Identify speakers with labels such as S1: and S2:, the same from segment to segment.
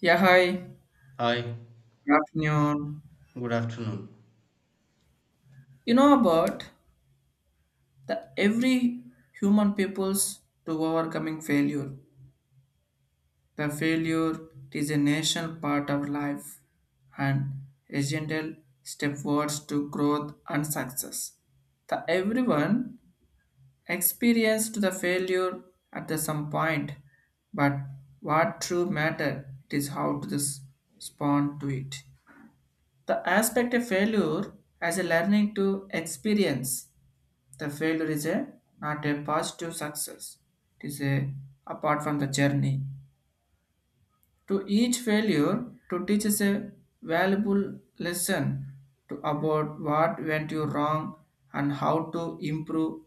S1: Yeah, hi.
S2: Hi,
S1: Good afternoon.
S2: good afternoon.
S1: You know about the every human people's to overcoming failure. The failure is a national part of life and a gentle step towards to growth and success. The everyone experienced the failure at the some point, but what true matter it is how to this respond to it. The aspect of failure as a learning to experience. The failure is a not a positive success. It is a apart from the journey. To each failure to teach us a valuable lesson to about what went you wrong and how to improve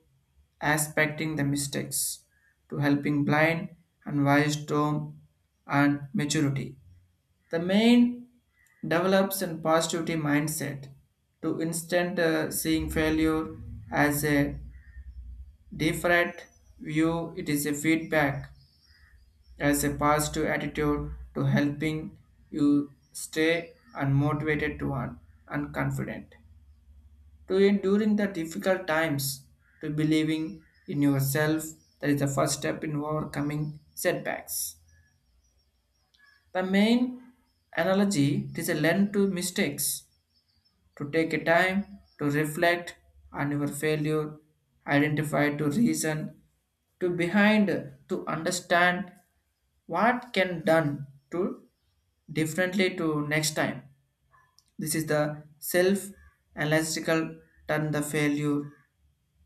S1: aspecting the mistakes to helping blind and wisdom and maturity. The main develops in positivity mindset to instant seeing failure as a different view it is a feedback as a positive attitude to helping you stay unmotivated, to earn and confident to enduring the difficult times to believing in yourself that is the first step in overcoming setbacks. The main analogy it is a learn to mistakes to take a time to reflect on your failure, identify to reason to behind to understand what can done to differently to next time. This is the self analytical turn the failure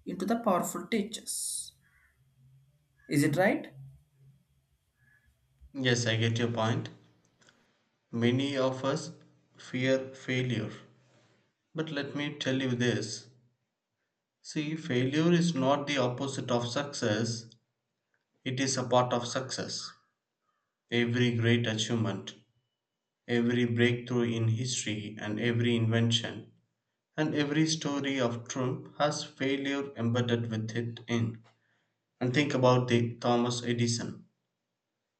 S1: into the powerful teachers. Is it right?
S2: Yes, I get your point. Many of us fear failure. But let me tell you this see, failure is not the opposite of success, it is a part of success. Every great achievement, every breakthrough in history, and every invention, and every story of triumph has failure embedded with it in. And think about the Thomas Edison.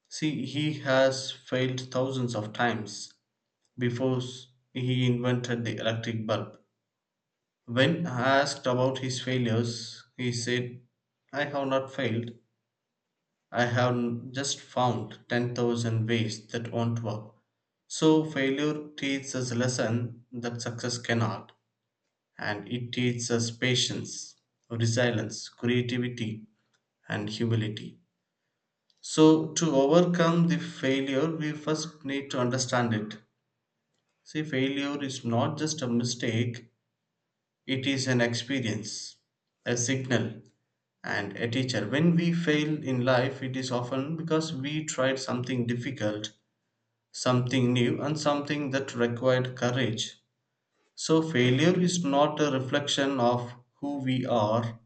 S2: See, he has failed thousands of times before s- he invented the electric bulb. When asked about his failures, he said, I have not failed. I just found 10,000 ways that won't work. So, failure teaches us a lesson that success cannot, and it teaches us patience, resilience, creativity, and humility. So, to overcome the failure, we first need to understand it. See, failure is not just a mistake, it is an experience, a signal, and a teacher. When we fail in life, it is often because we tried something difficult, something new, and something that required courage. So, failure is not a reflection of who we are,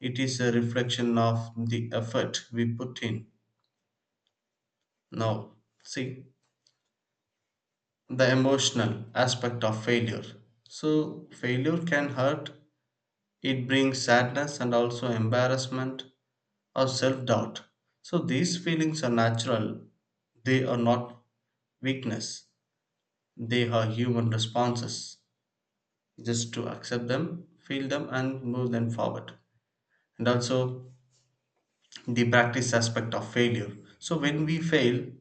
S2: it is a reflection of the effort we put in. Now, see the emotional aspect of failure. So, failure can hurt, it brings sadness and also embarrassment or self doubt. So these feelings are natural, they are not weakness, they are human responses. Just to accept them, feel them, and move them forward. And also the practice aspect of failure. So when we fail,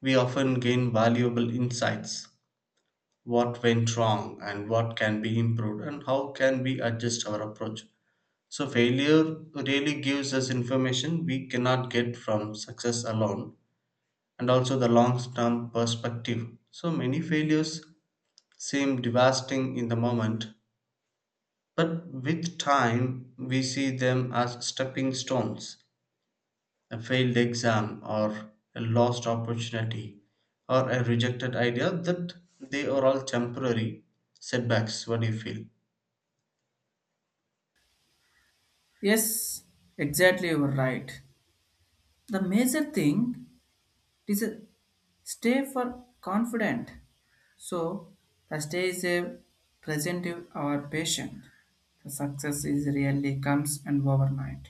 S2: we often gain valuable insights what went wrong and what can be improved and how can we adjust our approach so failure really gives us information we cannot get from success alone and also the long term perspective. So many failures seem devastating in the moment, but with time we see them as stepping stones a failed exam, or a lost opportunity, or a rejected idea that they are all temporary setbacks. What do you feel?
S1: Yes, exactly you are right. The major thing it is a stay for confident. So the stay is a present to our patient. The success is really comes and overnight.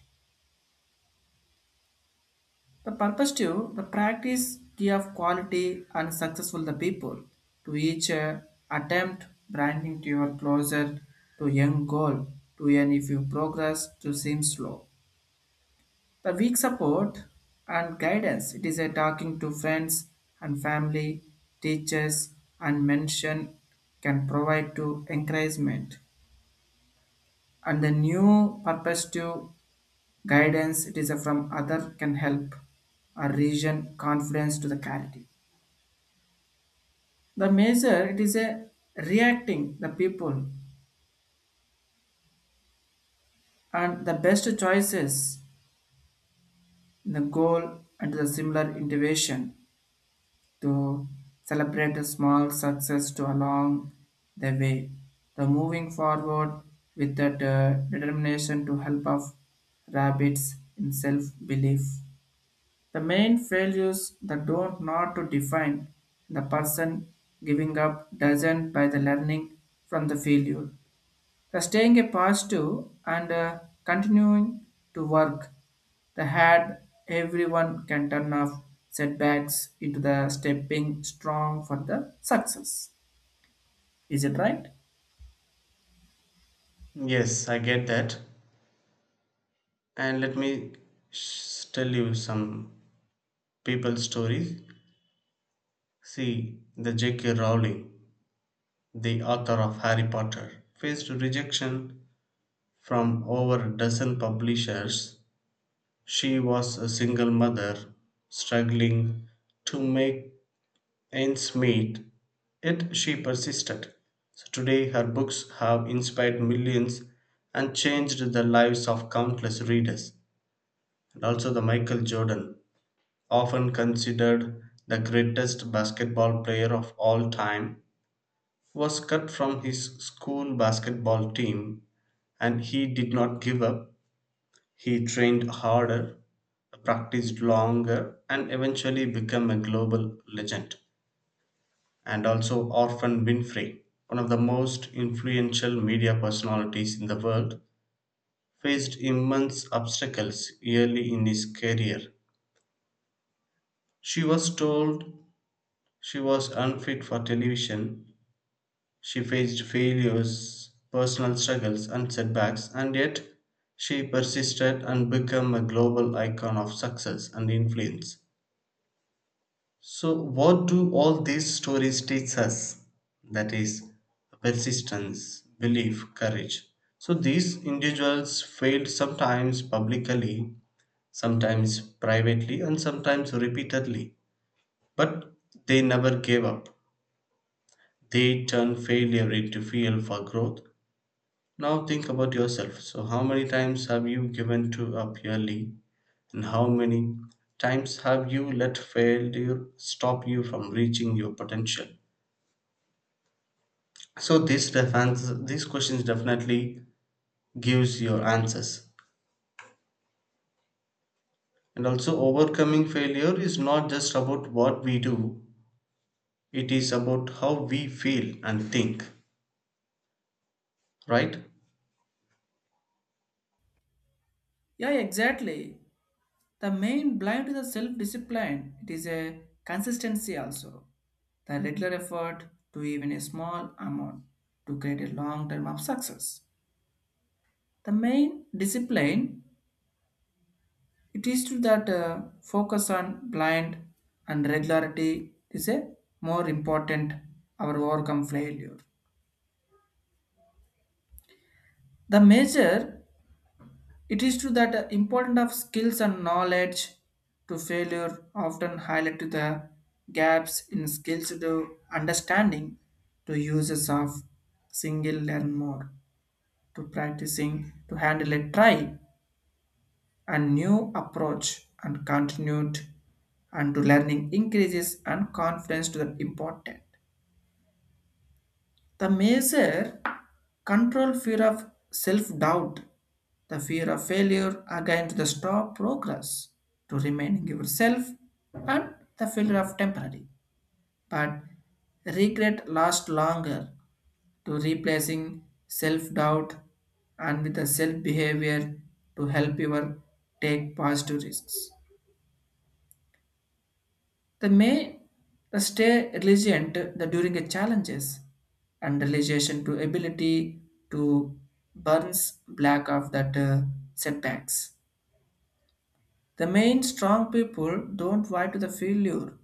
S1: The purpose to the practice give quality and successful the people to each attempt branding to your closer to young goal to and if you progress to seem slow. The weak support and guidance it is a talking to friends and family, teachers and mention can provide to encouragement and the new perspective guidance it is a from other can help a region confidence to the clarity. The measure it is a reacting the people and the best choices in the goal and the similar innovation to celebrate the small success to along the way. The moving forward with that determination to help of rabbits in self-belief. The main failures that don't not to define the person giving up doesn't by the learning from the failure. The staying a positive and continuing to work the had everyone can turn off setbacks into the stepping strong for the success. Is it right?
S2: Yes, I get that. And let me tell you some people stories. See, the J.K. Rowling the author of Harry Potter. Faced rejection from over a dozen publishers, she was a single mother struggling to make ends meet, yet she persisted. So today, her books have inspired millions and changed the lives of countless readers. And also, the Michael Jordan, often considered the greatest basketball player of all time, was cut from his school basketball team and he did not give up. He trained harder, practiced longer and eventually became a global legend. And also Orphan Winfrey, one of the most influential media personalities in the world, faced immense obstacles early in his career. She was told she was unfit for television. She faced failures, personal struggles, and setbacks, and yet she persisted and became a global icon of success and influence. So, what do all these stories teach us? That is, persistence, belief, courage. So, these individuals failed sometimes publicly, sometimes privately, and sometimes repeatedly. But they never gave up. They turned failure into fuel for growth. Now think about yourself. So, how many times have you given to up early, and how many times have you let failure stop you from reaching your potential? So, this defense, these questions definitely gives your answers. And also, overcoming failure is not just about what we do; it is about how we feel and think. Right?
S1: Yeah, exactly. The main blind to the self-discipline, it is a consistency also. The regular effort to even a small amount to create a long term of success. The main discipline, it is to that focus on blind and regularity is a more important our overcome failure. The measure, it is to that important of skills and knowledge to failure often highlight to the gaps in skills to understanding to uses of single learn more to practicing to handle a try and new approach and continued and to learning increases and confidence to the important. The measure control fear of self-doubt, the fear of failure again to the stop progress, to remaining yourself and the failure of temporary. But regret lasts longer to replacing self-doubt and with the self-behavior to help you take positive risks. They may stay resilient during the challenges and realization to ability to burns black of that setbacks. The main strong people don't fight to the failure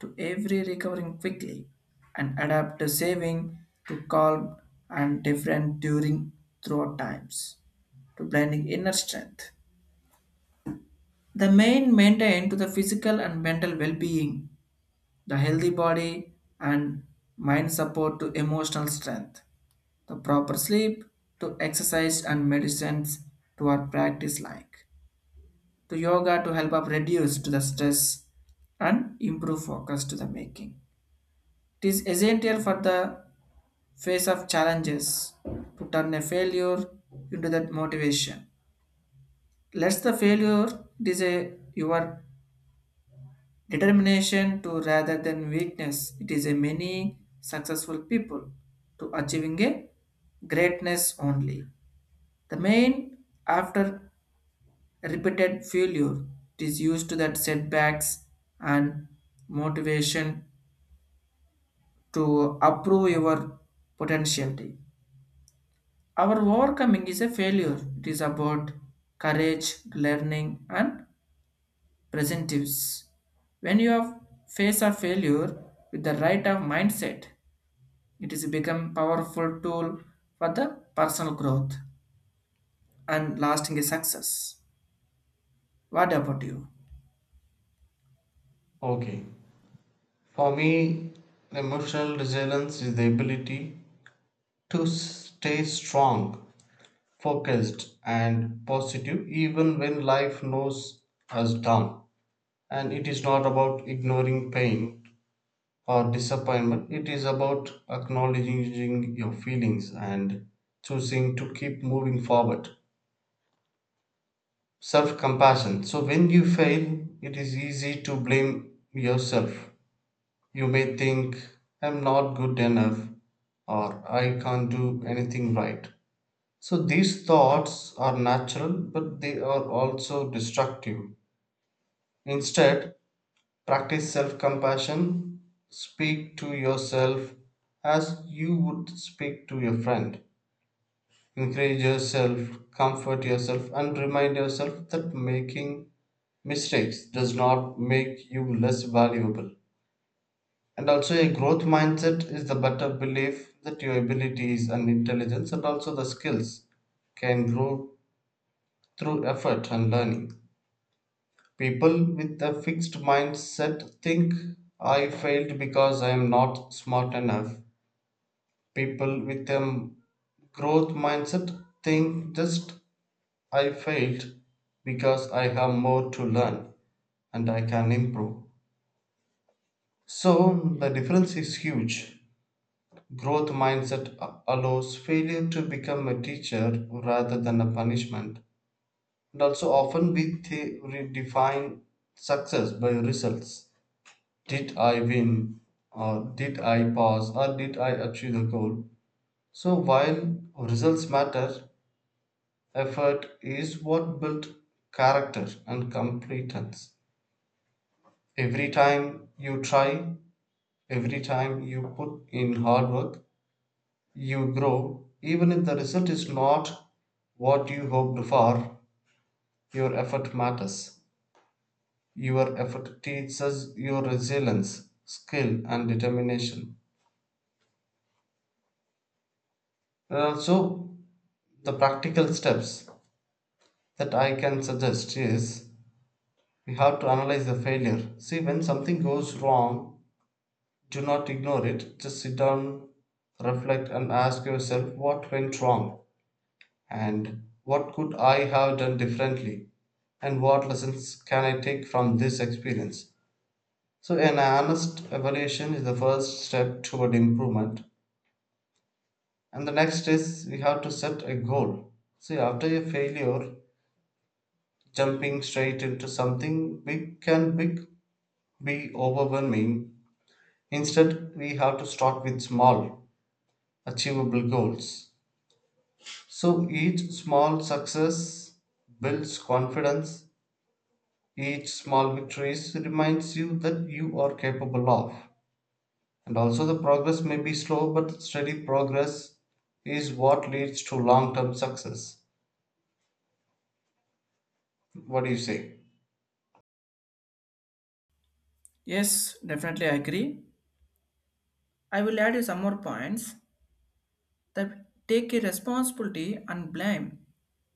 S1: to every recovering quickly and adapt to saving to calm and different during throughout times to blending inner strength. The main maintain to the physical and mental well-being, the healthy body and mind support to emotional strength, the proper sleep to exercise and medicines to our practice like to yoga to help up reduce to the stress and improve focus to the making. It is essential for the face of challenges to turn a failure into that motivation. Let's the failure it is a your determination to rather than weakness, it is a many successful people to achieving a greatness only. The main after repeated failure, it is used to that setbacks and motivation to approve your potentiality. Our overcoming is a failure. It is about courage, learning, and presentives. When you have face a failure with the right of mindset, it is become powerful tool for the personal growth and lasting success. What about you?
S2: Okay. For me, emotional resilience is the ability to stay strong focused and positive even when life knows us down. And it is not about ignoring pain or disappointment, it is about acknowledging your feelings and choosing to keep moving forward. Self compassion. So, when you fail, it is easy to blame yourself. You may think, I'm not good enough, or I can't do anything right. So these thoughts are natural, but they are also destructive. Instead, practice self compassion. Speak to yourself as you would speak to your friend. Encourage yourself, comfort yourself, and remind yourself that making mistakes does not make you less valuable. And also, a growth mindset is the better belief that your abilities and intelligence and also the skills can grow through effort and learning. People with a fixed mindset think I failed because I am not smart enough. People with a growth mindset think just I failed because I have more to learn and I can improve. So the difference is huge. Growth mindset allows failure to become a teacher rather than a punishment. And also, often we redefine success by results. Did I win? Or did I pass? Or did I achieve the goal? So, while results matter, effort is what built character and competence. Every time you try, every time you put in hard work, you grow. Even if the result is not what you hoped for, your effort matters. Your effort teaches your resilience, skill, and determination. And also, the practical steps that I can suggest is we have to analyze the failure. See, when something goes wrong, do not ignore it. Just sit down, reflect, and ask yourself what went wrong and what could I have done differently and what lessons can I take from this experience. So, an honest evaluation is the first step toward improvement. And the next is we have to set a goal. See, after a failure, jumping straight into something big can big be overwhelming. Instead, we have to start with small, achievable goals. So each small success builds confidence. Each small victory reminds you that you are capable of. And also, the progress may be slow, but steady progress is what leads to long term success. What do you say?
S1: Yes, definitely I agree. I will add you some more points that take a responsibility and blame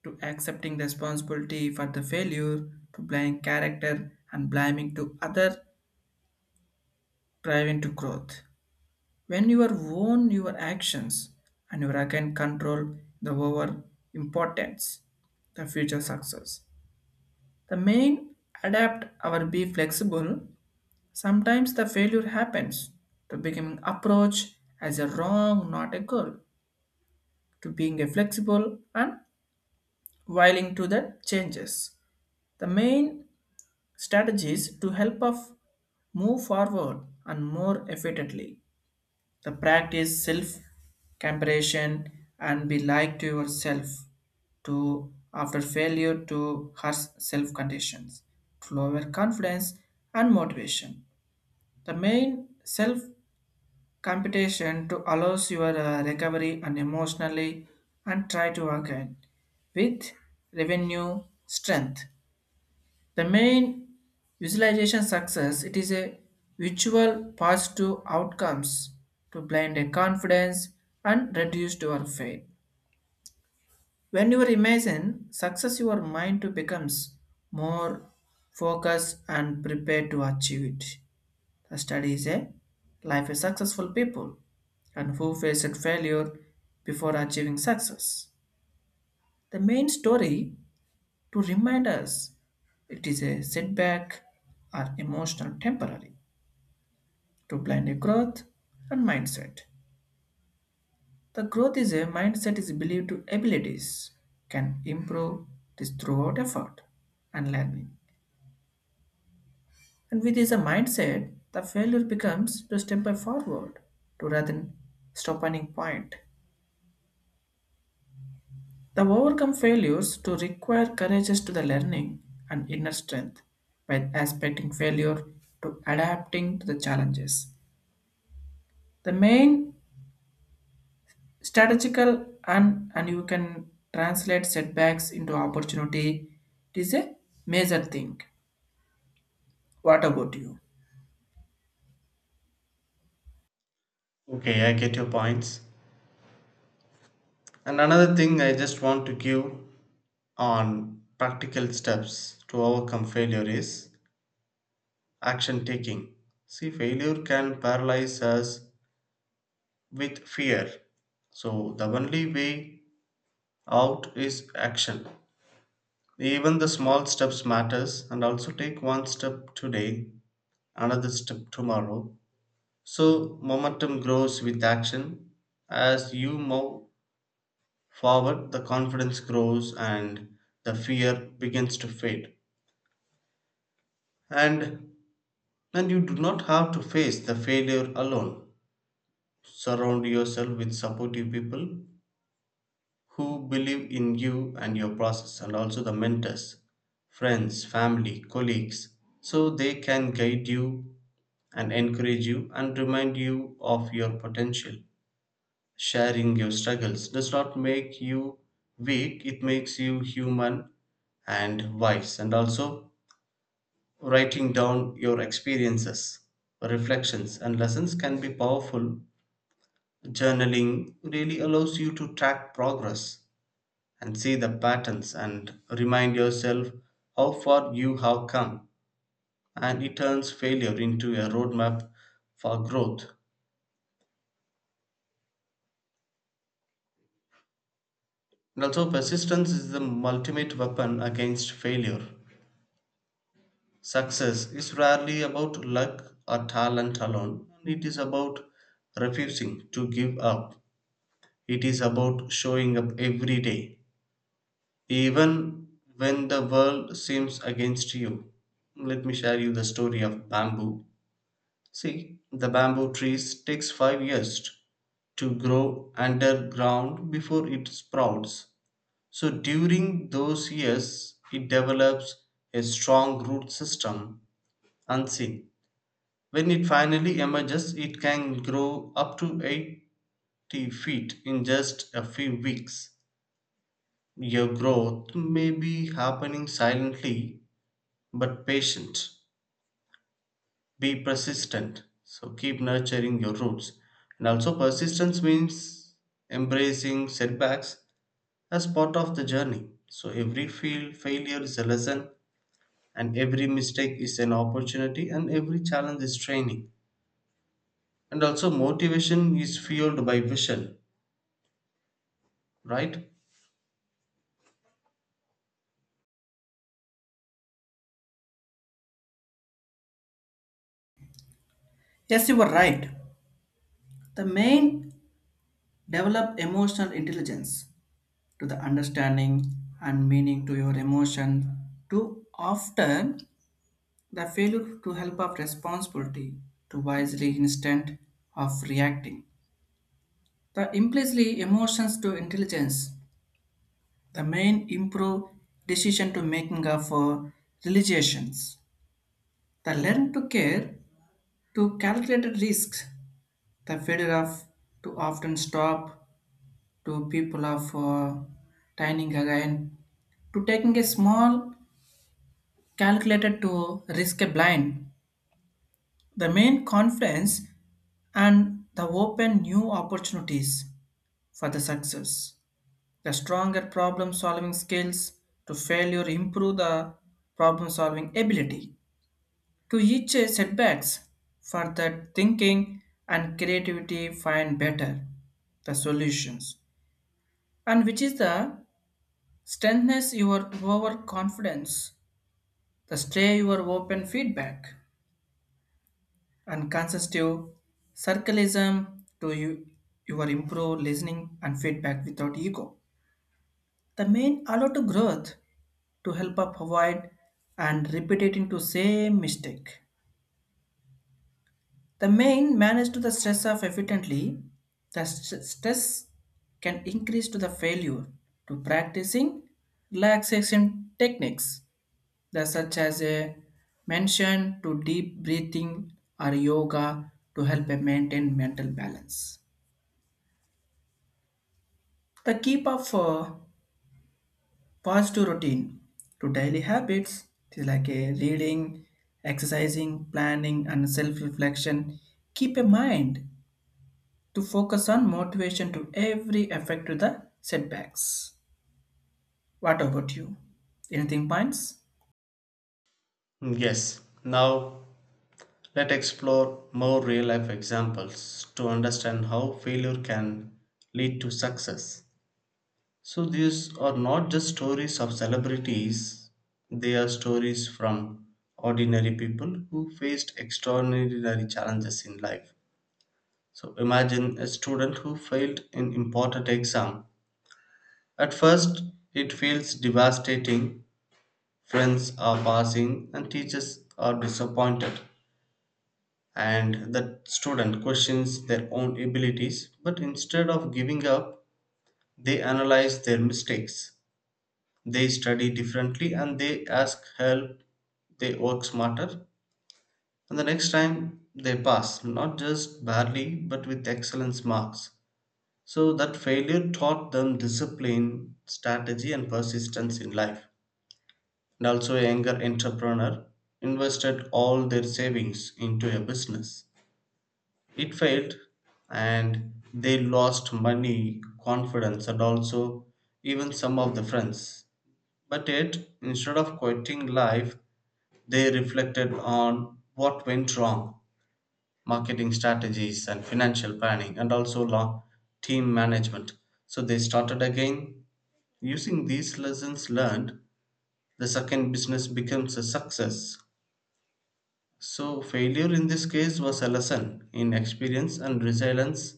S1: to accepting responsibility for the failure to blame character and blaming to other driving to growth. When you are own your actions and you can control the over importance, the future success. The main adapt or be flexible. Sometimes the failure happens to becoming approach as a wrong, not a goal, to being a flexible and willing to the changes. The main strategies to help us move forward and more effectively. The practice self-comparison and be like to yourself to after failure to herself conditions to lower confidence and motivation. The main self-competition to allows your recovery and emotionally and try to again with revenue strength. The main visualization success it is a visual positive outcomes to blind a confidence and reduce your faith. When you imagine success, your mind to becomes more focused and prepared to achieve it. The study is a life is successful people and who faced failure before achieving success. The main story to remind us it is a setback or emotional temporary to blind a growth and mindset. The growth is a mindset is believed to abilities can improve this throughout effort and learning. And with this mindset, the failure becomes to step by forward to rather than stop point. The overcome failures to require courageous to the learning and inner strength by aspecting failure to adapting to the challenges. The main strategical and you can translate setbacks into opportunity. It is a major thing. What about you?
S2: Okay, I get your points. And another thing I just want to give on practical steps to overcome failure is action taking. See, failure can paralyze us with fear. So the only way out is action. Even the small steps matters and also take one step today, another step tomorrow. So momentum grows with action as you move forward, the confidence grows and the fear begins to fade. And and you do not have to face the failure alone. Surround yourself with supportive people who believe in you and your process and also the mentors, friends, family, colleagues so they can guide you and encourage you and remind you of your potential. Sharing your struggles does not make you weak, it makes you human and wise. And also, writing down your experiences, reflections, and lessons can be powerful. Journaling really allows you to track progress and see the patterns and remind yourself how far you have come. And it turns failure into a roadmap for growth. And also, persistence is the ultimate weapon against failure. Success is rarely about luck or talent alone, it is about refusing to give up. It is about showing up every day, even when the world seems against you. Let me share you the story of bamboo. See, the bamboo trees takes 5 years to grow underground before it sprouts. So during those years, it develops a strong root system unseen. When it finally emerges, it can grow up to 80 feet in just a few weeks. Your growth may be happening silently, but patient. Be persistent. So keep nurturing your roots. And also, persistence means embracing setbacks as part of the journey. So every fail, failure is a lesson, and every mistake is an opportunity, and every challenge is training. And also motivation is fueled by vision, right?
S1: Yes, you were right. The main develop emotional intelligence to the understanding and meaning to your emotion to often the failure to help of responsibility to wisely instead of reacting. The implicitly emotions to intelligence. The main improve decision to making of realizations. The learn to care to calculated risks. The fear of to often stop to people of dining again to taking a small calculated to risk a blind. The main confidence and the open new opportunities for the success. The stronger problem solving skills to failure improve the problem solving ability. To each a setbacks for that thinking and creativity find better the solutions and which is the strengthness your overconfidence, the stay your open feedback and consistent circleism to you your improve listening and feedback without ego, the main allow to growth to help up avoid and repeat it into same mistake. The main manage to the stress of efficiently. The stress can increase to the failure to practicing relaxation techniques that such as a mention to deep breathing or yoga to help a maintain mental balance. The keep up for positive routine to daily habits is like a reading, exercising, planning, and self-reflection. Keep a mind to focus on motivation to every effect to the setbacks. What about you? Anything points?
S2: Mm, yes now let's explore more real life examples to understand how failure can lead to success. So these are not just stories of celebrities, they are stories from ordinary people who faced extraordinary challenges in life. So imagine a student who failed an important exam. At first it feels devastating. Friends are passing and teachers are disappointed, and the student questions their own abilities. But instead of giving up, they analyze their mistakes. They study differently and they ask help. They work smarter. And the next time they pass, not just barely, but with excellence marks. So that failure taught them discipline, strategy, and persistence in life. And also a younger entrepreneur invested all their savings into a business. It failed and they lost money, confidence, and also even some of the friends. But yet, instead of quitting life, they reflected on what went wrong, marketing strategies and financial planning, and also law, team management. So they started again. Using these lessons learned, the second business becomes a success. So, failure in this case was a lesson in experience and resilience,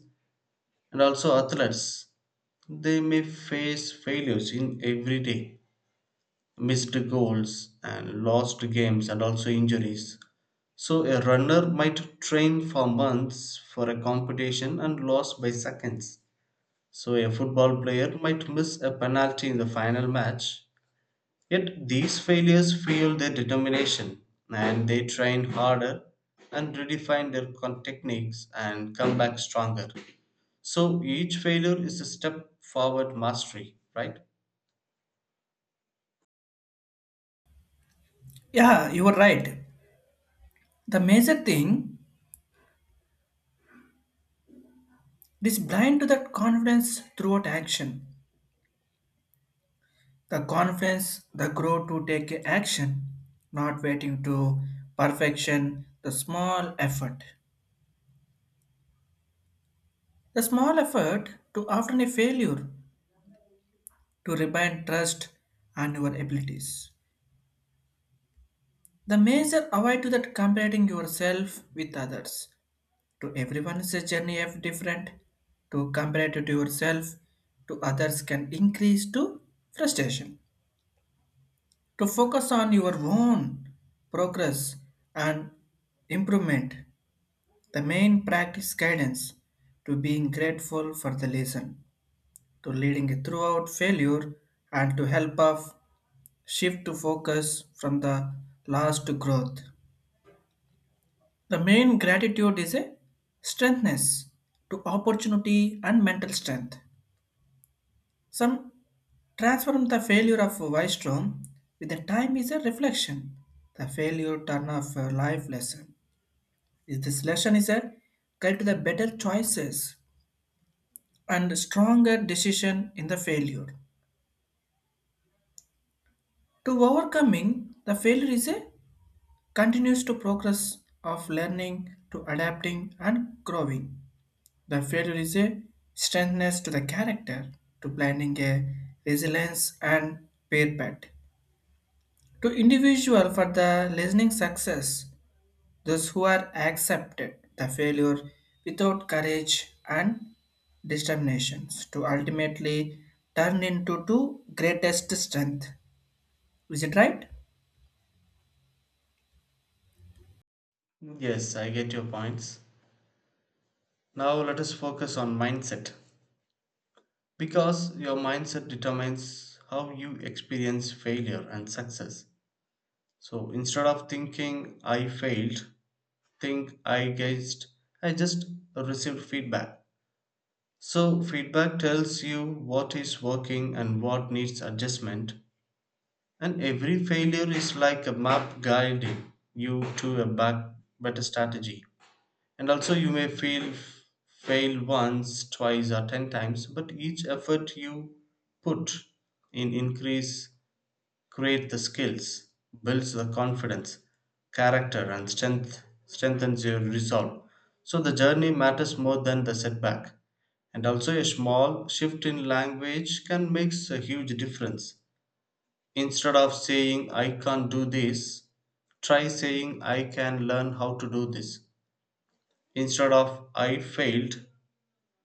S2: and also athletes. They may face failures in every day, missed goals, and lost games, and also injuries. So, a runner might train for months for a competition and lose by seconds. So, a football player might miss a penalty in the final match. Yet these failures fueled their determination, and they trained harder and redefined their techniques and come back stronger. So each failure is a step forward mastery, right?
S1: Yeah, you are right. The major thing is blind to that confidence throughout action. The confidence, the grow to take action, not waiting to perfection, the small effort. The small effort to often a failure to rebind trust and your abilities. The major avoid to that comparing yourself with others to everyone's journey of different to compare it to yourself to others can increase to frustration to focus on your own progress and improvement. The main practice guidance to being grateful for the lesson to leading throughout failure and to help of shift to focus from the loss to growth. The main gratitude is a strengthness to opportunity and mental strength. Some transform the failure of Wystrom with the time is a reflection. The failure turn of a life lesson. Is this lesson is a guide to the better choices and stronger decision in the failure. To overcoming the failure is a continues to progress of learning to adapting and growing. The failure is a strengthness to the character to planning a resilience and prepared. To individual for the listening success, those who are accepted the failure without courage and determinations to ultimately turn into to greatest strength. Is it right?
S2: Yes, I get your points. Now let us focus on mindset because your mindset determines how you experience failure and success. So instead of thinking I failed, think I gauged, I just received feedback. So, feedback tells you what is working and what needs adjustment, and every failure is like a map guiding you to a back, better strategy. And also, you may feel fail once, twice, or 10 times, but each effort you put in increase create the skills, builds the confidence, character, and strength, strengthens your resolve. So the journey matters more than the setback. And also, a small shift in language can make a huge difference. Instead of saying, I can't do this, try saying, I can learn how to do this. Instead of, I failed,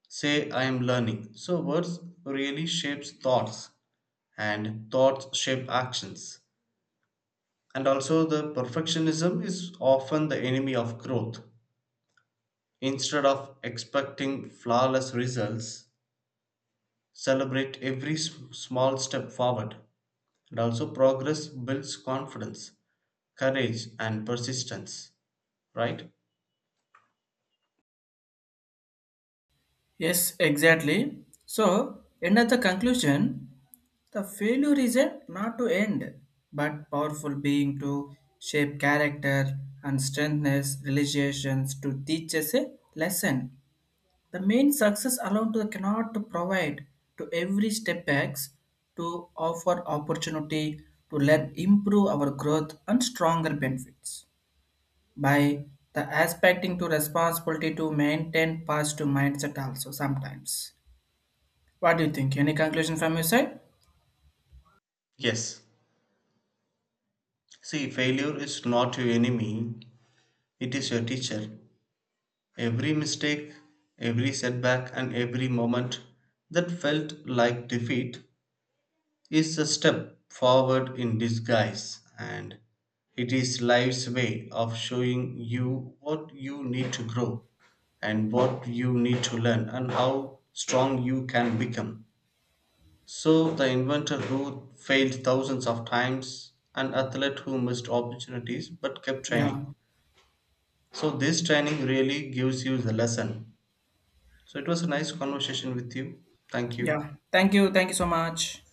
S2: say, I am learning. So, words really shapes thoughts, and thoughts shape actions. And also, the perfectionism is often the enemy of growth. Instead of expecting flawless results, celebrate every small step forward. And also, progress builds confidence, courage, and persistence. Right?
S1: Yes, exactly. So, end of the conclusion, the failure is a not to end, but powerful being to shape character and strengthness, relations to teach us a lesson. The main success alone to cannot to provide to every step backs to offer opportunity to let improve our growth and stronger benefits by the aspecting to responsibility to maintain positive mindset also sometimes. What do you think? Any conclusion from your side?
S2: Yes. See, failure is not your enemy, it is your teacher. Every mistake, every setback, and every moment that felt like defeat is a step forward in disguise and it is life's way of showing you what you need to grow and what you need to learn and how strong you can become. So, the inventor who failed thousands of times, an athlete who missed opportunities but kept training.
S1: Yeah.
S2: So, this training really gives you the lesson. So, it was a nice conversation with you. Thank you.
S1: Yeah. Thank you. Thank you so much.